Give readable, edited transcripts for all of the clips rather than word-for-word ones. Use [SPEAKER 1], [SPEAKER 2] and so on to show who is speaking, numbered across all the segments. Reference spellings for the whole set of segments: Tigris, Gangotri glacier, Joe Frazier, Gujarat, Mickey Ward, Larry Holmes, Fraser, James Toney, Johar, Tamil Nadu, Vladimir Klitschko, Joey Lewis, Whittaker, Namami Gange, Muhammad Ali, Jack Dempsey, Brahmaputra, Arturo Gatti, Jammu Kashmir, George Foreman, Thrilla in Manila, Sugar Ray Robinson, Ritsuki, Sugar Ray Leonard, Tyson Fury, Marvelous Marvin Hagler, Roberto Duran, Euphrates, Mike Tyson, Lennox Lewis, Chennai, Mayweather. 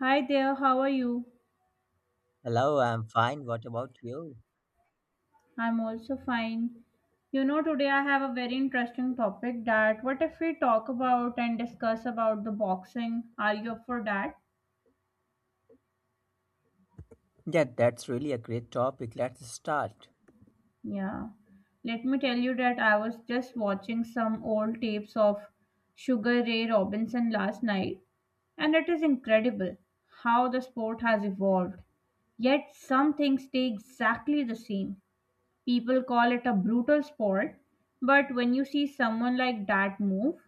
[SPEAKER 1] Hi there, how are you?
[SPEAKER 2] Hello, I'm fine. What about you?
[SPEAKER 1] I'm also fine. You know, today I have a very interesting topic that what if we talk about and discuss about the boxing? Are you up for that?
[SPEAKER 2] Yeah, that's really a great topic. Let's start.
[SPEAKER 1] Yeah. Let me tell you that I was just watching some old tapes of Sugar Ray Robinson last night, and it is incredible how the sport has evolved. Yet some things stay exactly the same. People call it a brutal sport, but when you see someone like that move,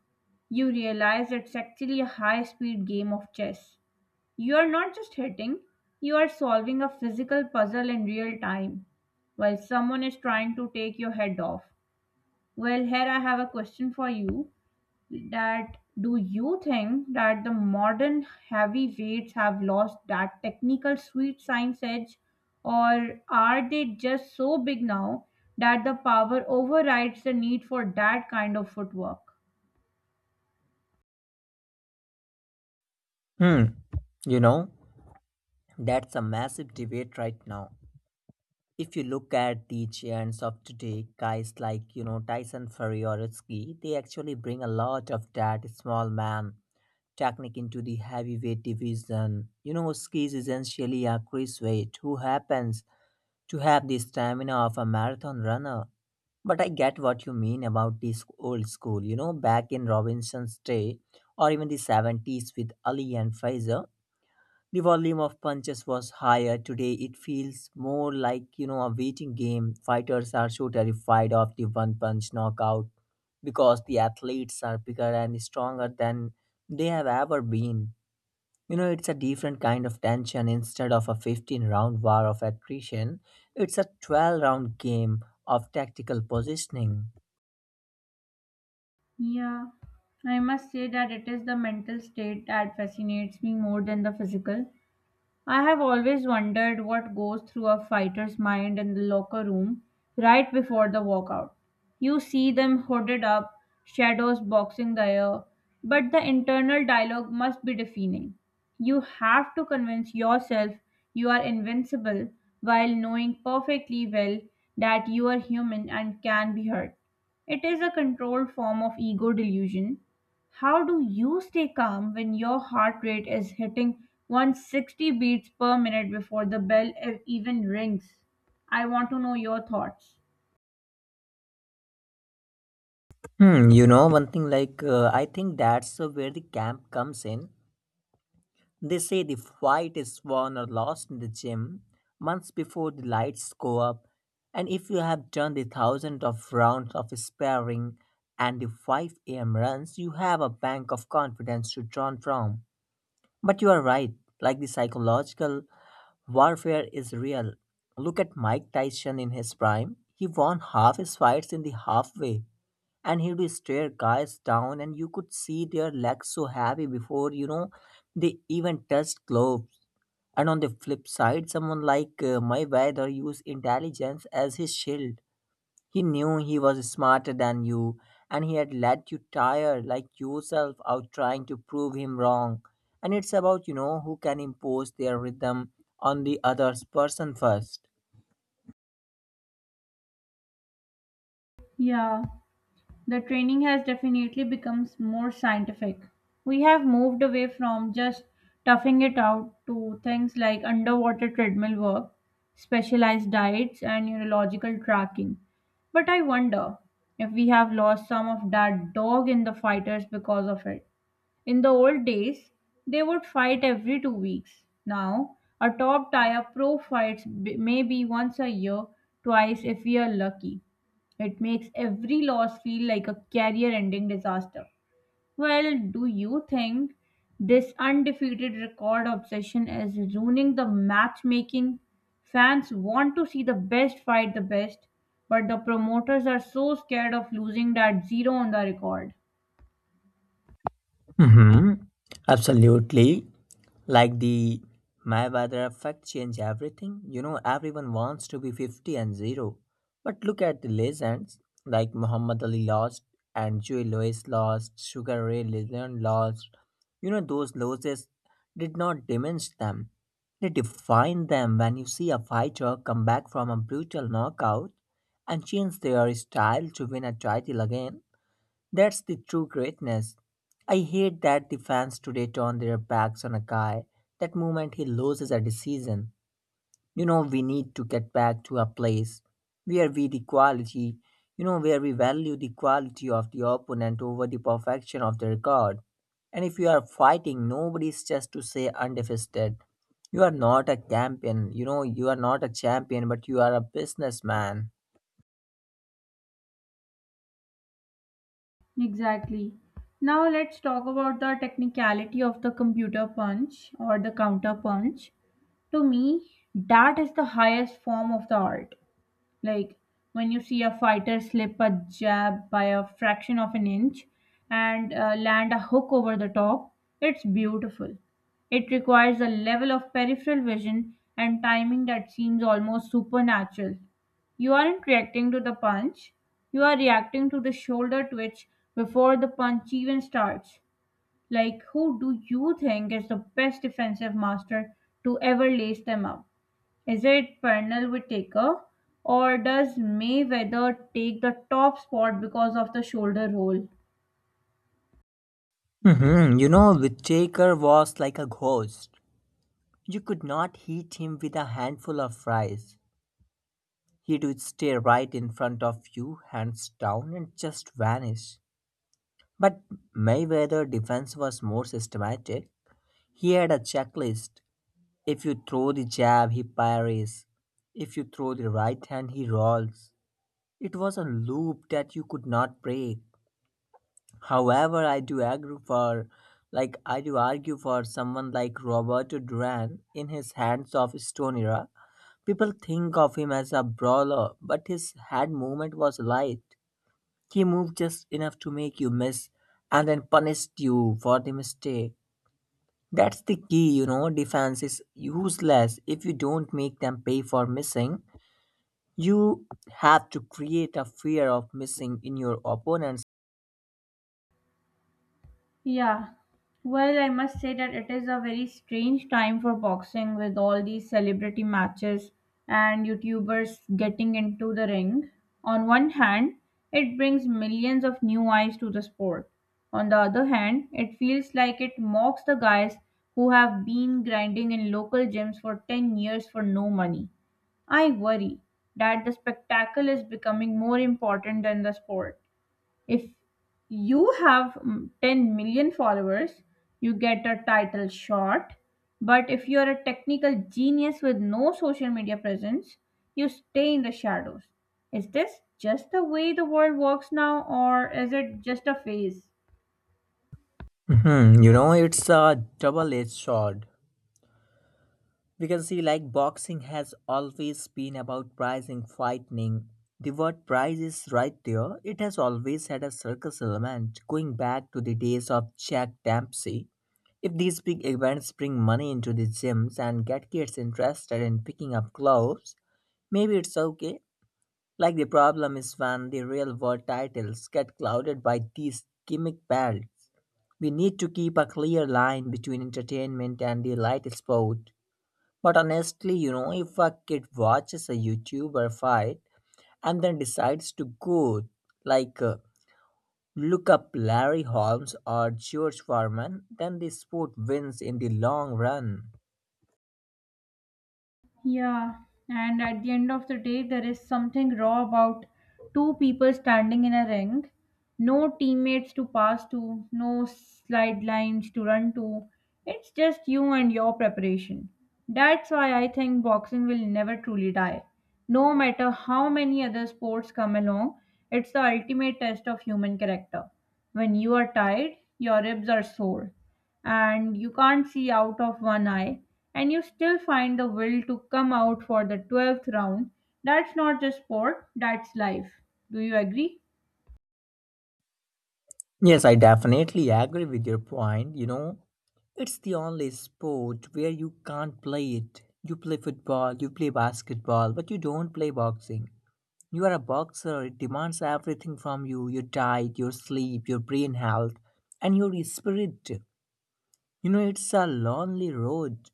[SPEAKER 1] you realize it's actually a high speed game of chess. You are not just hitting, you are solving a physical puzzle in real time while someone is trying to take your head off. Well, here I have a question for you that do you think that the modern heavyweights have lost that technical sweet science edge, or are they just so big now that the power overrides the need for that kind of footwork?
[SPEAKER 2] Hmm. You know, that's a massive debate right now. If you look at the giants of today, guys like, Tyson Fury or Ritsuki, they actually bring a lot of that small man technique into the heavyweight division. Ski is essentially a cruiserweight who happens to have the stamina of a marathon runner. But I get what you mean about this old school, back in Robinson's day or even the 70s with Ali and Fraser, the volume of punches was higher. Today it feels more like, a waiting game. Fighters are so terrified of the one punch knockout because the athletes are bigger and stronger than they have ever been. It's a different kind of tension. Instead of a 15 round war of attrition, it's a 12 round game of tactical positioning.
[SPEAKER 1] Yeah, I must say that it is the mental state that fascinates me more than the physical. I have always wondered what goes through a fighter's mind in the locker room right before the walkout. You see them hooded up, shadows boxing the air, but the internal dialogue must be deafening. You have to convince yourself you are invincible while knowing perfectly well that you are human and can be hurt. It is a controlled form of ego delusion. How do you stay calm when your heart rate is hitting 160 beats per minute before the bell even rings? I want to know your thoughts.
[SPEAKER 2] One thing like I think that's where the camp comes in. They say the fight is won or lost in the gym months before the lights go up, and if you have done the thousand of rounds of sparring and the 5 a.m. runs, you have a bank of confidence to draw from. But you are right, like the psychological warfare is real. Look at Mike Tyson in his prime. He won half his fights in the halfway, and he'd stare guys down, and you could see their legs so heavy before they even touched gloves. And on the flip side, someone like my brother used intelligence as his shield. He knew he was smarter than you, and he had let you tire like yourself out trying to prove him wrong. And it's about who can impose their rhythm on the other person first.
[SPEAKER 1] Yeah, the training has definitely become more scientific. We have moved away from just toughing it out to things like underwater treadmill work, specialized diets, and neurological tracking. But I wonder if we have lost some of that dog in the fighters because of it. In the old days, they would fight every 2 weeks. Now, a top tier pro fights maybe once a year, twice if we are lucky. It makes every loss feel like a career ending disaster. Well, do you think this undefeated record obsession is ruining the matchmaking? Fans want to see the best fight the best, but the promoters are so scared of losing that zero on the record.
[SPEAKER 2] hmm Absolutely. Like the Mayweather effect change everything. Everyone wants to be 50-0. But look at the legends like Muhammad Ali lost, and Joey Lewis lost, Sugar Ray Leonard lost. Those losses did not diminish them. They defined them when you see a fighter come back from a brutal knockout and change their style to win a title again. That's the true greatness. I hate that the fans today turn their backs on a guy that moment he loses a decision. We need to get back to a place where we the quality, you know, where we value the quality of the opponent over the perfection of their record. And if you are fighting, nobody's just to say undefeated. You are not a champion. You are not a champion, but you are a businessman.
[SPEAKER 1] Exactly. Now let's talk about the technicality of the computer punch or the counter punch. To me, that is the highest form of the art. Like, when you see a fighter slip a jab by a fraction of an inch and land a hook over the top, it's beautiful. It requires a level of peripheral vision and timing that seems almost supernatural. You aren't reacting to the punch, you are reacting to the shoulder twitch before the punch even starts. Like, who do you think is the best defensive master to ever lace them up? Is it Pernell will take Taker, or does Mayweather take the top spot because of the shoulder roll?
[SPEAKER 2] Whittaker was like a ghost. You could not hit him with a handful of fries. He would stare right in front of you, hands down, and just vanish. But Mayweather's defense was more systematic. He had a checklist. If you throw the jab, he parries. If you throw the right hand, he rolls. It was a loop that you could not break. However, I do argue for someone like Roberto Duran in his Hands of Stone era. People think of him as a brawler, but his head movement was light. He moved just enough to make you miss and then punished you for the mistake. That's the key, Defense is useless if you don't make them pay for missing. You have to create a fear of missing in your opponent's.
[SPEAKER 1] Yeah. Well, I must say that it is a very strange time for boxing with all these celebrity matches and YouTubers getting into the ring. On one hand, it brings millions of new eyes to the sport. On the other hand, it feels like it mocks the guys who have been grinding in local gyms for 10 years for no money. I worry that the spectacle is becoming more important than the sport. If you have 10 million followers, you get a title shot. But if you are a technical genius with no social media presence, you stay in the shadows. Is this just the way the world works now, or is it just a phase?
[SPEAKER 2] Mhm, it's a double edged sword. Because, see, like boxing has always been about pricing, fighting. The word prize is right there. It has always had a circus element, going back to the days of Jack Dempsey. If these big events bring money into the gyms and get kids interested in picking up gloves, maybe it's okay. Like, the problem is when the real world titles get clouded by these gimmick belts. We need to keep a clear line between entertainment and the light sport. But honestly, if a kid watches a YouTuber fight and then decides to go, like, uh, look up Larry Holmes or George Foreman, then the sport wins in the long run.
[SPEAKER 1] Yeah, and at the end of the day, there is something raw about two people standing in a ring. No teammates to pass to, no slide lines to run to. It's just you and your preparation. That's why I think boxing will never truly die. No matter how many other sports come along, it's the ultimate test of human character. When you are tired, your ribs are sore and you can't see out of one eye, and you still find the will to come out for the 12th round, that's not just sport, that's life. Do you agree?
[SPEAKER 2] Yes, I definitely agree with your point. It's the only sport where you can't play it. You play football, you play basketball, but you don't play boxing. You are a boxer. It demands everything from you: your diet, your sleep, your brain health, and your spirit. It's a lonely road,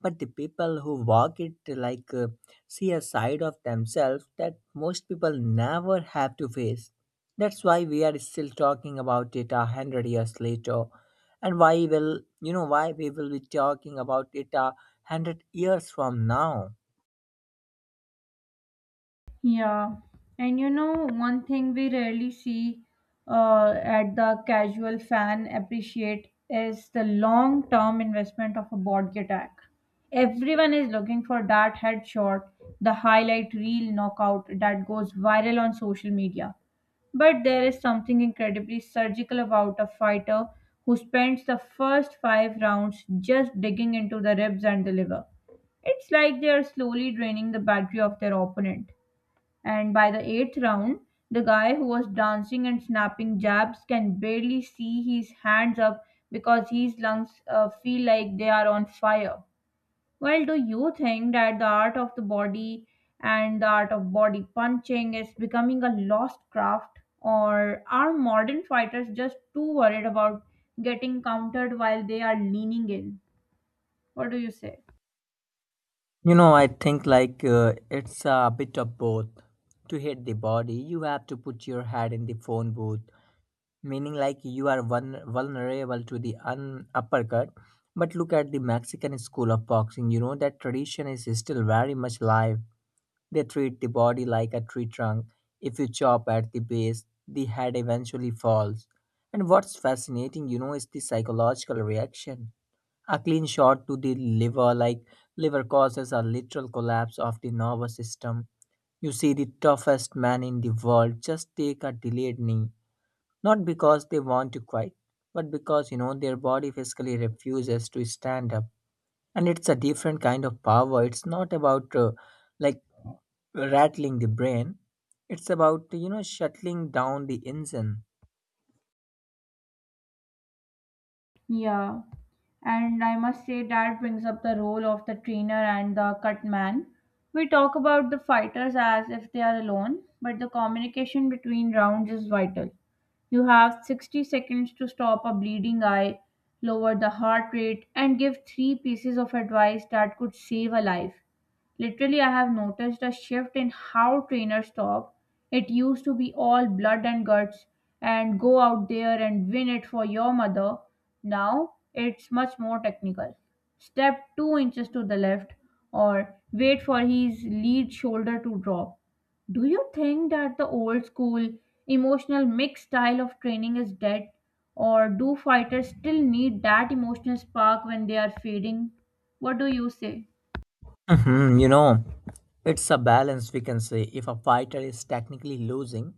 [SPEAKER 2] but the people who walk it see a side of themselves that most people never have to face. That's why we are still talking about it a hundred years later, and why we will be talking about it a hundred years from now.
[SPEAKER 1] Yeah, and you know, one thing we rarely see at the casual fan appreciate is the long term investment of a board attack. Everyone is looking for that headshot, the highlight reel knockout that goes viral on social media. But there is something incredibly surgical about a fighter who spends the first five rounds just digging into the ribs and the liver. It's like they are slowly draining the battery of their opponent. And by the eighth round, the guy who was dancing and snapping jabs can barely see his hands up because his lungs feel like they are on fire. Well, do you think that the art of the body and the art of body punching is becoming a lost craft, or are modern fighters just too worried about getting countered while they are leaning in? What do you say?
[SPEAKER 2] I think it's a bit of both. To hit the body, you have to put your head in the phone booth, meaning like you are one vulnerable to the uppercut. But look at the Mexican school of boxing, that tradition is still very much alive. They treat the body like a tree trunk. If you chop at the base, the head eventually falls. And what's fascinating, is the psychological reaction. A clean shot to the liver, like liver causes a literal collapse of the nervous system. You see the toughest man in the world just take a delayed knee, not because they want to quit, but because their body physically refuses to stand up. And it's a different kind of power. It's not about like rattling the brain. It's about shuttling down the engine.
[SPEAKER 1] Yeah, and I must say that brings up the role of the trainer and the cut man. We talk about the fighters as if they are alone, but the communication between rounds is vital. You have 60 seconds to stop a bleeding eye, lower the heart rate, and give three pieces of advice that could save a life. Literally, I have noticed a shift in how trainers talk. It used to be all blood and guts and go out there and win it for your mother. Now it's much more technical. Step 2 inches to the left or wait for his lead shoulder to drop. Do you think that the old school emotional mix style of training is dead? Or do fighters still need that emotional spark when they are fading? What do you say?
[SPEAKER 2] Mhm, you know, it's a balance we can say. If a fighter is technically losing,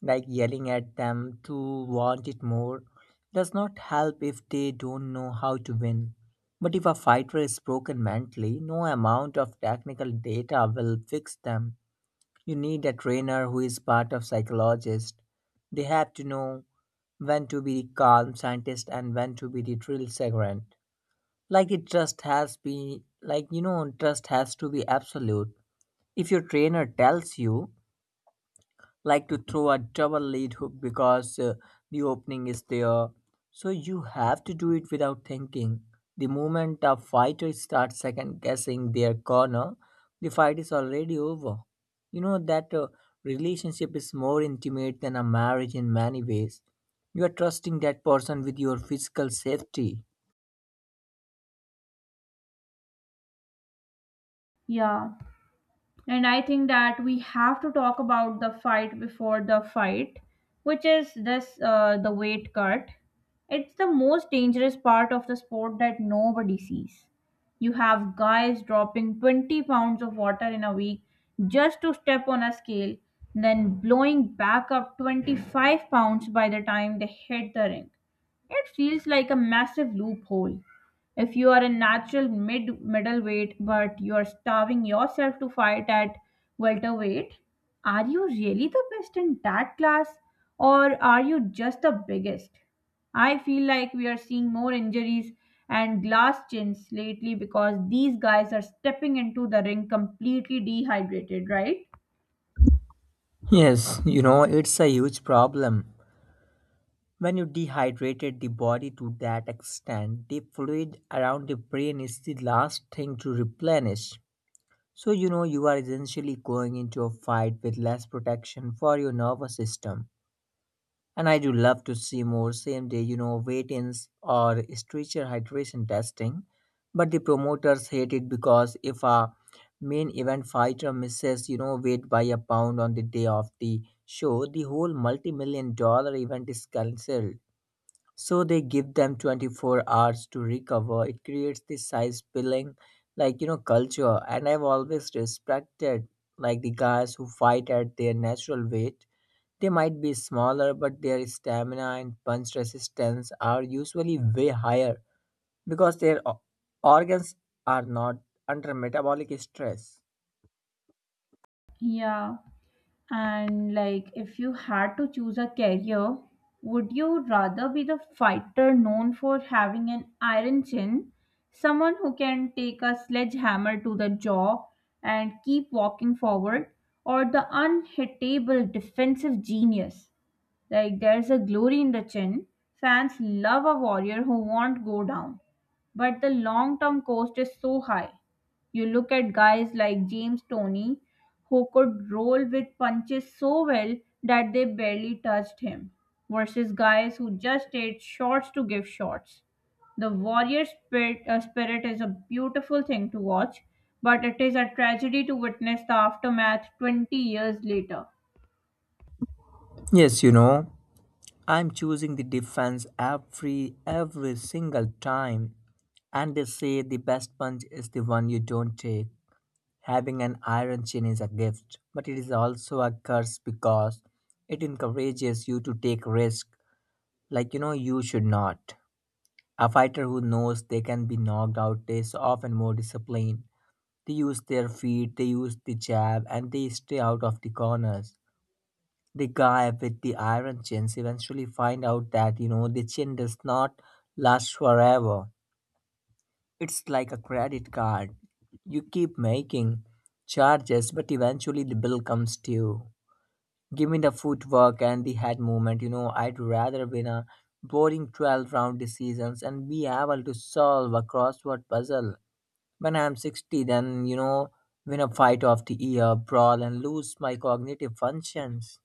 [SPEAKER 2] like yelling at them to want it more does not help if they don't know how to win. But if a fighter is broken mentally, no amount of technical data will fix them. You need a trainer who is part of psychologist. They have to know when to be the calm scientist and when to be the drill sergeant. Like it just has be like you know trust has to be absolute. If your trainer tells you like to throw a double lead hook because the opening is there. So you have to do it without thinking. The moment a fighter starts second guessing their corner, the fight is already over. That relationship is more intimate than a marriage in many ways. You are trusting that person with your physical safety.
[SPEAKER 1] Yeah, and I think that we have to talk about the fight before the fight, which is this the weight cut. It's the most dangerous part of the sport that nobody sees. You have guys dropping 20 pounds of water in a week just to step on a scale, then blowing back up 25 pounds by the time they hit the ring. It feels like a massive loophole. If you are a natural mid middleweight but you are starving yourself to fight at welterweight, are you really the best in that class or are you just the biggest? I feel like we are seeing more injuries and glass chins lately because these guys are stepping into the ring completely dehydrated, right?
[SPEAKER 2] Yes, it's a huge problem. When you dehydrated the body to that extent, the fluid around the brain is the last thing to replenish. So, you are essentially going into a fight with less protection for your nervous system. And I do love to see more same day, weight ins or stretcher hydration testing. But the promoters hate it because if a main event fighter misses, weight by a pound on the day of the show, the whole multi million-dollar event is cancelled, so they give them 24 hours to recover. It creates this size billing, culture. And I've always respected like the guys who fight at their natural weight. They might be smaller, but their stamina and punch resistance are usually way higher because their organs are not under metabolic stress.
[SPEAKER 1] Yeah. And like, if you had to choose a career, would you rather be the fighter known for having an iron chin, someone who can take a sledgehammer to the jaw and keep walking forward, or the unhittable defensive genius? Like, there's a glory in the chin. Fans love a warrior who won't go down, but the long term cost is so high. You look at guys like James Tony, who could roll with punches so well that they barely touched him, versus guys who just ate shots to give shots. The warrior spirit is a beautiful thing to watch, but it is a tragedy to witness the aftermath 20 years later.
[SPEAKER 2] Yes, I'm choosing the defense every single time. And they say the best punch is the one you don't take. Having an iron chin is a gift, but it is also a curse because it encourages you to take risk you should not. A fighter who knows they can be knocked out is often more disciplined. They use their feet, they use the jab, and they stay out of the corners. The guy with the iron chins eventually find out that the chin does not last forever. It's like a credit card. You keep making charges, but eventually the bill comes to you. Give me the footwork and the head movement. I'd rather win a boring 12 round decisions and be able to solve a crossword puzzle when I'm 60 than win a fight of the year brawl and lose my cognitive functions.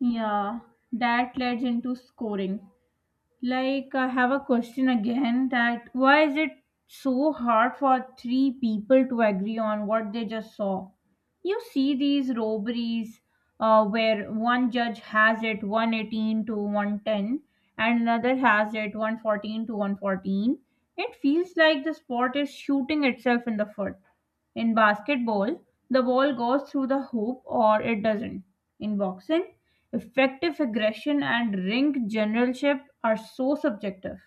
[SPEAKER 1] Yeah, that leads into scoring. Like, I have a question again that why is it so hard for three people to agree on what they just saw? You see these robberies where one judge has it 118-110 and another has it 114-114. It feels like the sport is shooting itself in the foot. In basketball, the ball goes through the hoop or it doesn't. In boxing, effective aggression and ring generalship are so subjective.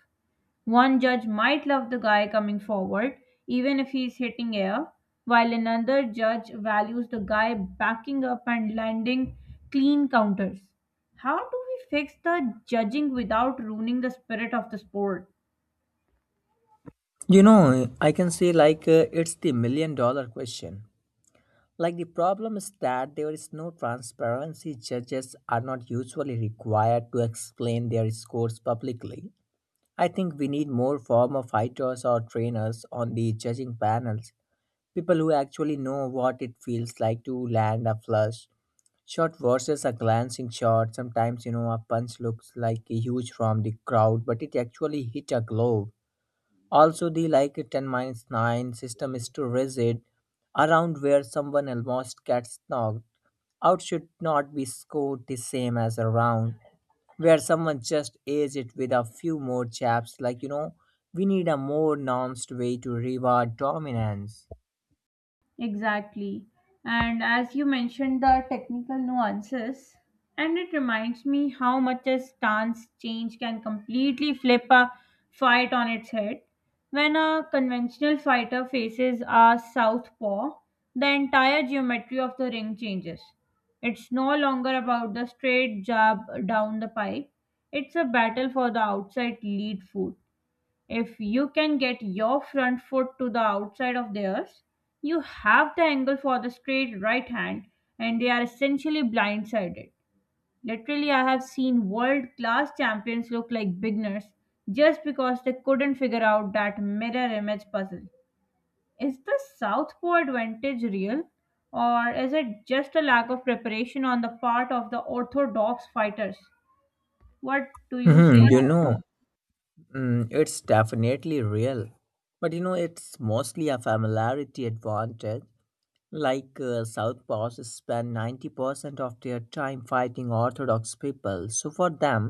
[SPEAKER 1] One judge might love the guy coming forward, even if he's hitting air, while another judge values the guy backing up and landing clean counters. How do we fix the judging without ruining the spirit of the sport?
[SPEAKER 2] I can say it's the million-dollar question. Like the problem is that there is no transparency. Judges are not usually required to explain their scores publicly. I think we need more former fighters or trainers on the judging panels, people who actually know what it feels like to land a flush shot versus a glancing shot. Sometimes, a punch looks like huge from the crowd, but it actually hit a glove also, the like 10 minus 9 system is too rigid around where someone almost gets knocked out should not be scored the same as around where someone just aids it with a few more chaps. We need a more nuanced way to reward dominance.
[SPEAKER 1] Exactly. And as you mentioned, the technical nuances, and it reminds me how much a stance change can completely flip a fight on its head. When a conventional fighter faces a southpaw, the entire geometry of the ring changes. It's no longer about the straight jab down the pipe, it's a battle for the outside lead foot. If you can get your front foot to the outside of theirs, you have the angle for the straight right hand and they are essentially blindsided. Literally, I have seen world class champions look like beginners just because they couldn't figure out that mirror image puzzle. Is the southpaw advantage real or is it just a lack of preparation on the part of the orthodox fighters? What do you say?
[SPEAKER 2] Mhm. It's definitely real, but it's mostly a familiarity advantage. Southpaws spend 90% of their time fighting Orthodox people, so for them,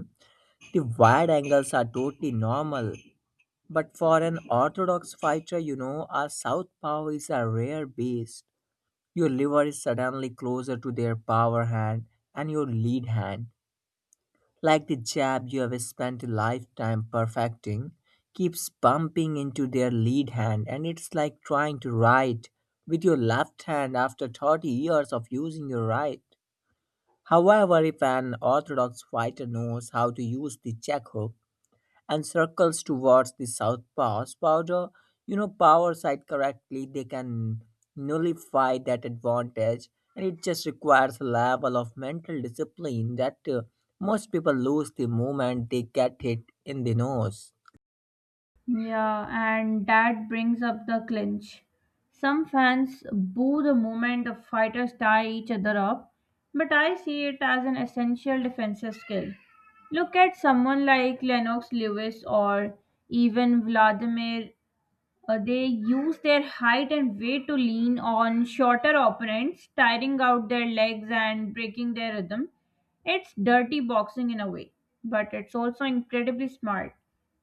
[SPEAKER 2] the wide angles are totally normal. But for an Orthodox fighter, a Southpaw is a rare beast. Your liver is suddenly closer to their power hand and your lead hand, like the jab you have spent a lifetime perfecting, keeps bumping into their lead hand, and it's like trying to write with your left hand after 30 years of using your right. However, if an orthodox fighter knows how to use the check hook, and circles towards the south pass powder, power side correctly, they can nullify that advantage, and it just requires a level of mental discipline that most people lose the moment they get hit in the nose.
[SPEAKER 1] Yeah, and that brings up the clinch. Some fans boo the moment the fighters tie each other up, but I see it as an essential defensive skill. Look at someone like Lennox Lewis or even Vladimir, they use their height and weight to lean on shorter opponents, tiring out their legs and breaking their rhythm. It's dirty boxing in a way, but it's also incredibly smart.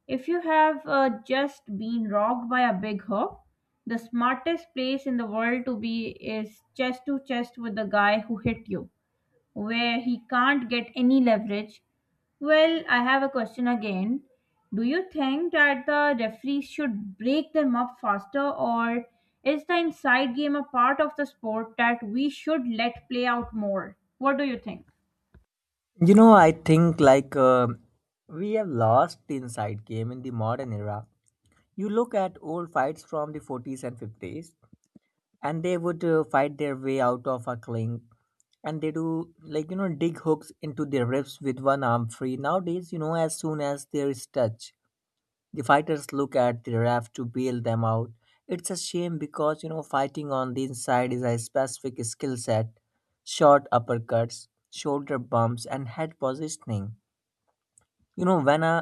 [SPEAKER 1] If you have just been rocked by a big hook, the smartest place in the world to be is chest to chest with the guy who hit you where he can't get any leverage. Well, I have a question again. Do you think that the referees should break them up faster, or is the inside game a part of the sport that we should let play out more? What do you think?
[SPEAKER 2] I think we have lost the inside game in the modern era. You look at old fights from the 40s and 50s, and they would fight their way out of a clinch, and they do, dig hooks into their ribs with one arm free. Nowadays, as soon as there is touch, the fighters look at the ref to bail them out. It's a shame because fighting on the inside is a specific skill set: short uppercuts, shoulder bumps and head positioning. When a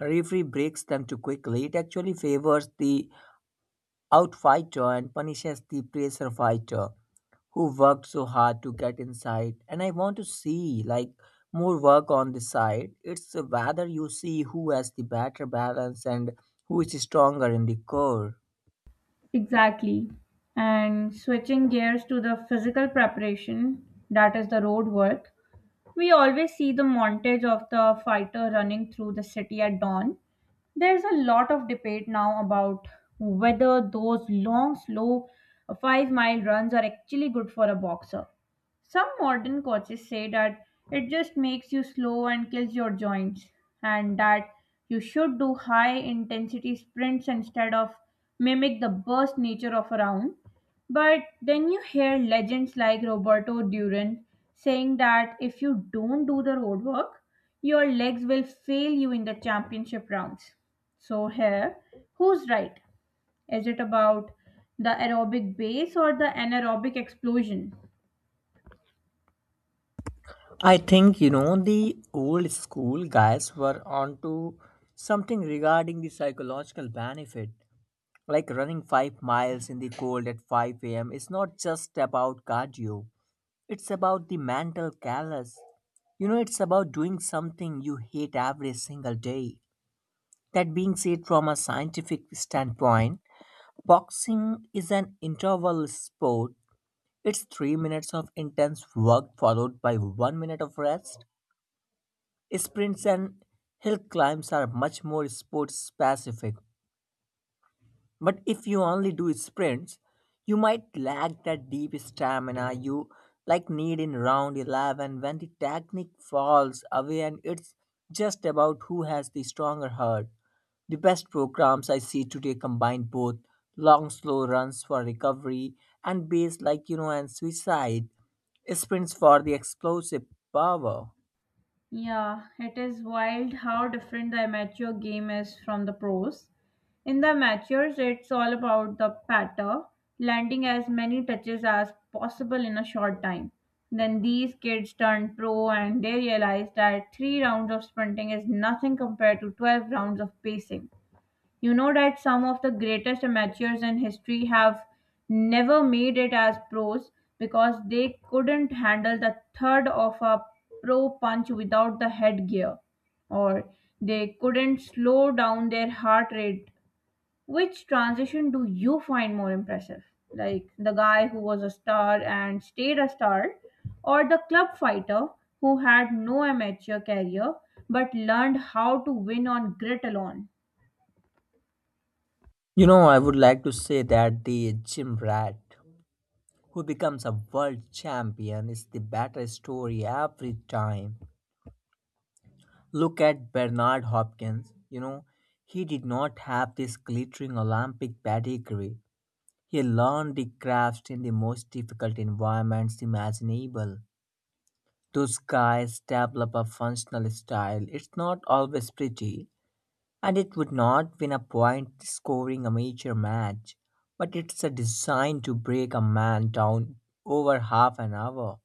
[SPEAKER 2] referee breaks them too quickly, it actually favors the outfighter and punishes the pressure fighter who worked so hard to get inside. And I want to see like more work on the side. It's whether you see who has the better balance and who is stronger in the core.
[SPEAKER 1] Exactly. And switching gears to the physical preparation, that is the road work. We always see the montage of the fighter running through the city at dawn. There's a lot of debate now about whether those long, slow 5-mile runs are actually good for a boxer. Some modern coaches say that it just makes you slow and kills your joints, and that you should do high intensity sprints instead of mimic the burst nature of a round. But then you hear legends like Roberto Duran saying that if you don't do the road work, your legs will fail you in the championship rounds. So, here, who's right? Is it about the aerobic base or the anaerobic explosion?
[SPEAKER 2] I think the old school guys were onto something regarding the psychological benefit. Like running 5 miles in the cold at 5 a.m. is not just about cardio. It's about the mental callous. You know, it's about doing something you hate every single day. That being said, from a scientific standpoint, boxing is an interval sport. It's 3 minutes of intense work followed by one minute of rest. Sprints and hill climbs are much more sport specific. But if you only do sprints, you might lack that deep stamina you like need in round 11 when the technique falls away and it's just about who has the stronger heart. The best programs I see today combine both long slow runs for recovery and base, and suicide sprints for the explosive power.
[SPEAKER 1] Yeah, it is wild how different the amateur game is from the pros. In the amateurs, it's all about the patter, landing as many touches as possible in a short time. Then these kids turn pro and they realize that 3 rounds of sprinting is nothing compared to 12 rounds of pacing. You know that some of the greatest amateurs in history have never made it as pros because they couldn't handle the third of a pro punch without the headgear, or they couldn't slow down their heart rate. Which transition do you find more impressive? Like the guy who was a star and stayed a star, or the club fighter who had no amateur career but learned how to win on grit alone?
[SPEAKER 2] You know, I would like to say that the gym rat who becomes a world champion is the better story every time. Look at Bernard Hopkins. You know, he did not have this glittering Olympic pedigree. He learned the craft in the most difficult environments imaginable. Those guys develop a functional style. It's not always pretty, and it would not win a point scoring a major match, but it's a design to break a man down over half an hour.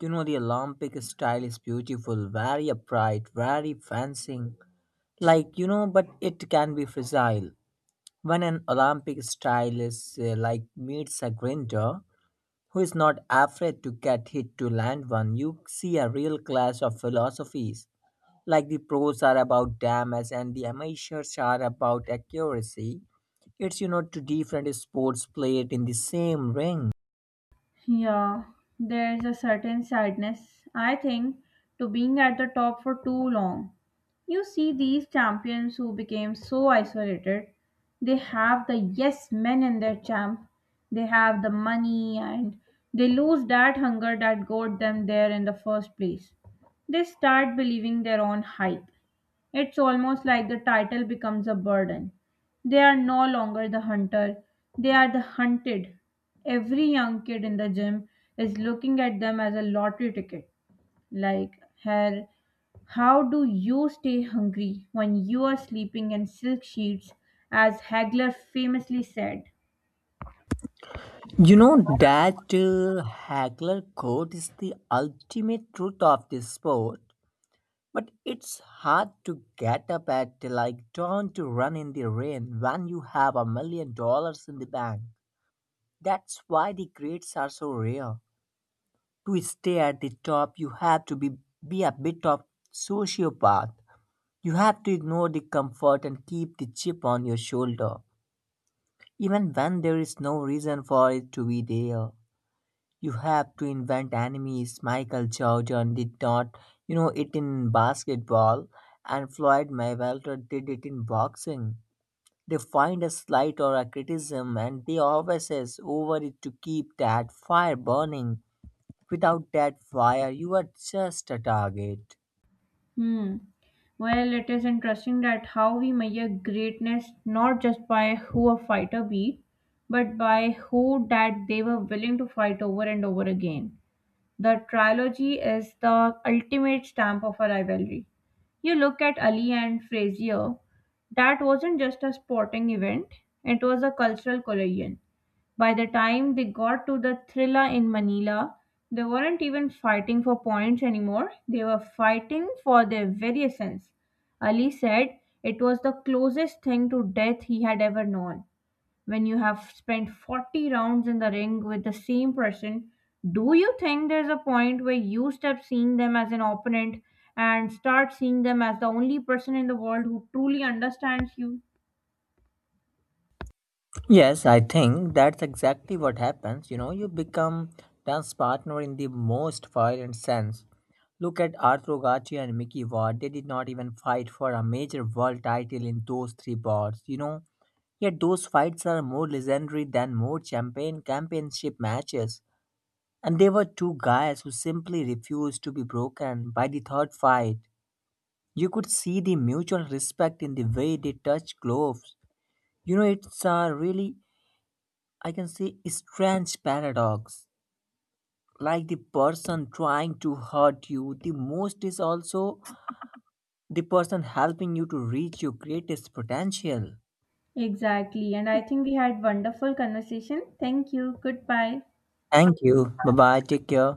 [SPEAKER 2] You know, the Olympic style is beautiful, very upright, very fencing. Like, you know, but it can be fragile. When an Olympic style is like meets a grinder who is not afraid to get hit to land one, you see a real clash of philosophies. Like the pros are about damage and the amateurs are about accuracy. It's, you know, two different sports played in the same ring.
[SPEAKER 1] Yeah, there is a certain sadness, I think, to being at the top for too long. You see these champions who became so isolated. They have the yes men in their champ, they have the money, and they lose that hunger that got them there in the first place. They start believing their own hype. It's almost like the title becomes a burden. They are no longer the hunter, they are the hunted. Every young kid in the gym is looking at them as a lottery ticket. Like, hell, how do you stay hungry when you are sleeping in silk sheets, as Hagler famously said?
[SPEAKER 2] You know that Hagler quote is the ultimate truth of this sport, but it's hard to get up at like dawn to run in the rain when you have $1 million in the bank. That's why the grades are so rare. To stay at the top, you have to be a bit of sociopath. You have to ignore the comfort and keep the chip on your shoulder, even when there is no reason for it to be there. You have to invent enemies. Michael Jordan did not, you know, it in basketball, and Floyd Mayweather did it in boxing. They find a slight or a criticism and they obsess over it to keep that fire burning. Without that fire, you are just a target.
[SPEAKER 1] Hmm. Well, it is interesting that how we measure greatness not just by who a fighter beat, but by who that they were willing to fight over and over again. The trilogy is the ultimate stamp of a rivalry. You look at Ali and Frazier, that wasn't just a sporting event, it was a cultural collision. By the time they got to the Thrilla in Manila, they weren't even fighting for points anymore. They were fighting for their very essence. Ali said it was the closest thing to death he had ever known. When you have spent 40 rounds in the ring with the same person, do you think there's a point where you stop seeing them as an opponent and start seeing them as the only person in the world who truly understands you?
[SPEAKER 2] Yes, I think that's exactly what happens. You know, you become dance partner in the most violent sense. Look at Arturo Gatti and Mickey Ward. They did not even fight for a major world title in those three bouts, you know. Yet those fights are more legendary than more champagne championship matches. And they were two guys who simply refused to be broken by the third fight. You could see the mutual respect in the way they touched gloves. You know, it's a really, I can say, strange paradox. Like the person trying to hurt you the most is also the person helping you to reach your greatest potential.
[SPEAKER 1] Exactly. And I think we had wonderful conversation. Thank you. Goodbye.
[SPEAKER 2] Thank you. Bye bye. Take care.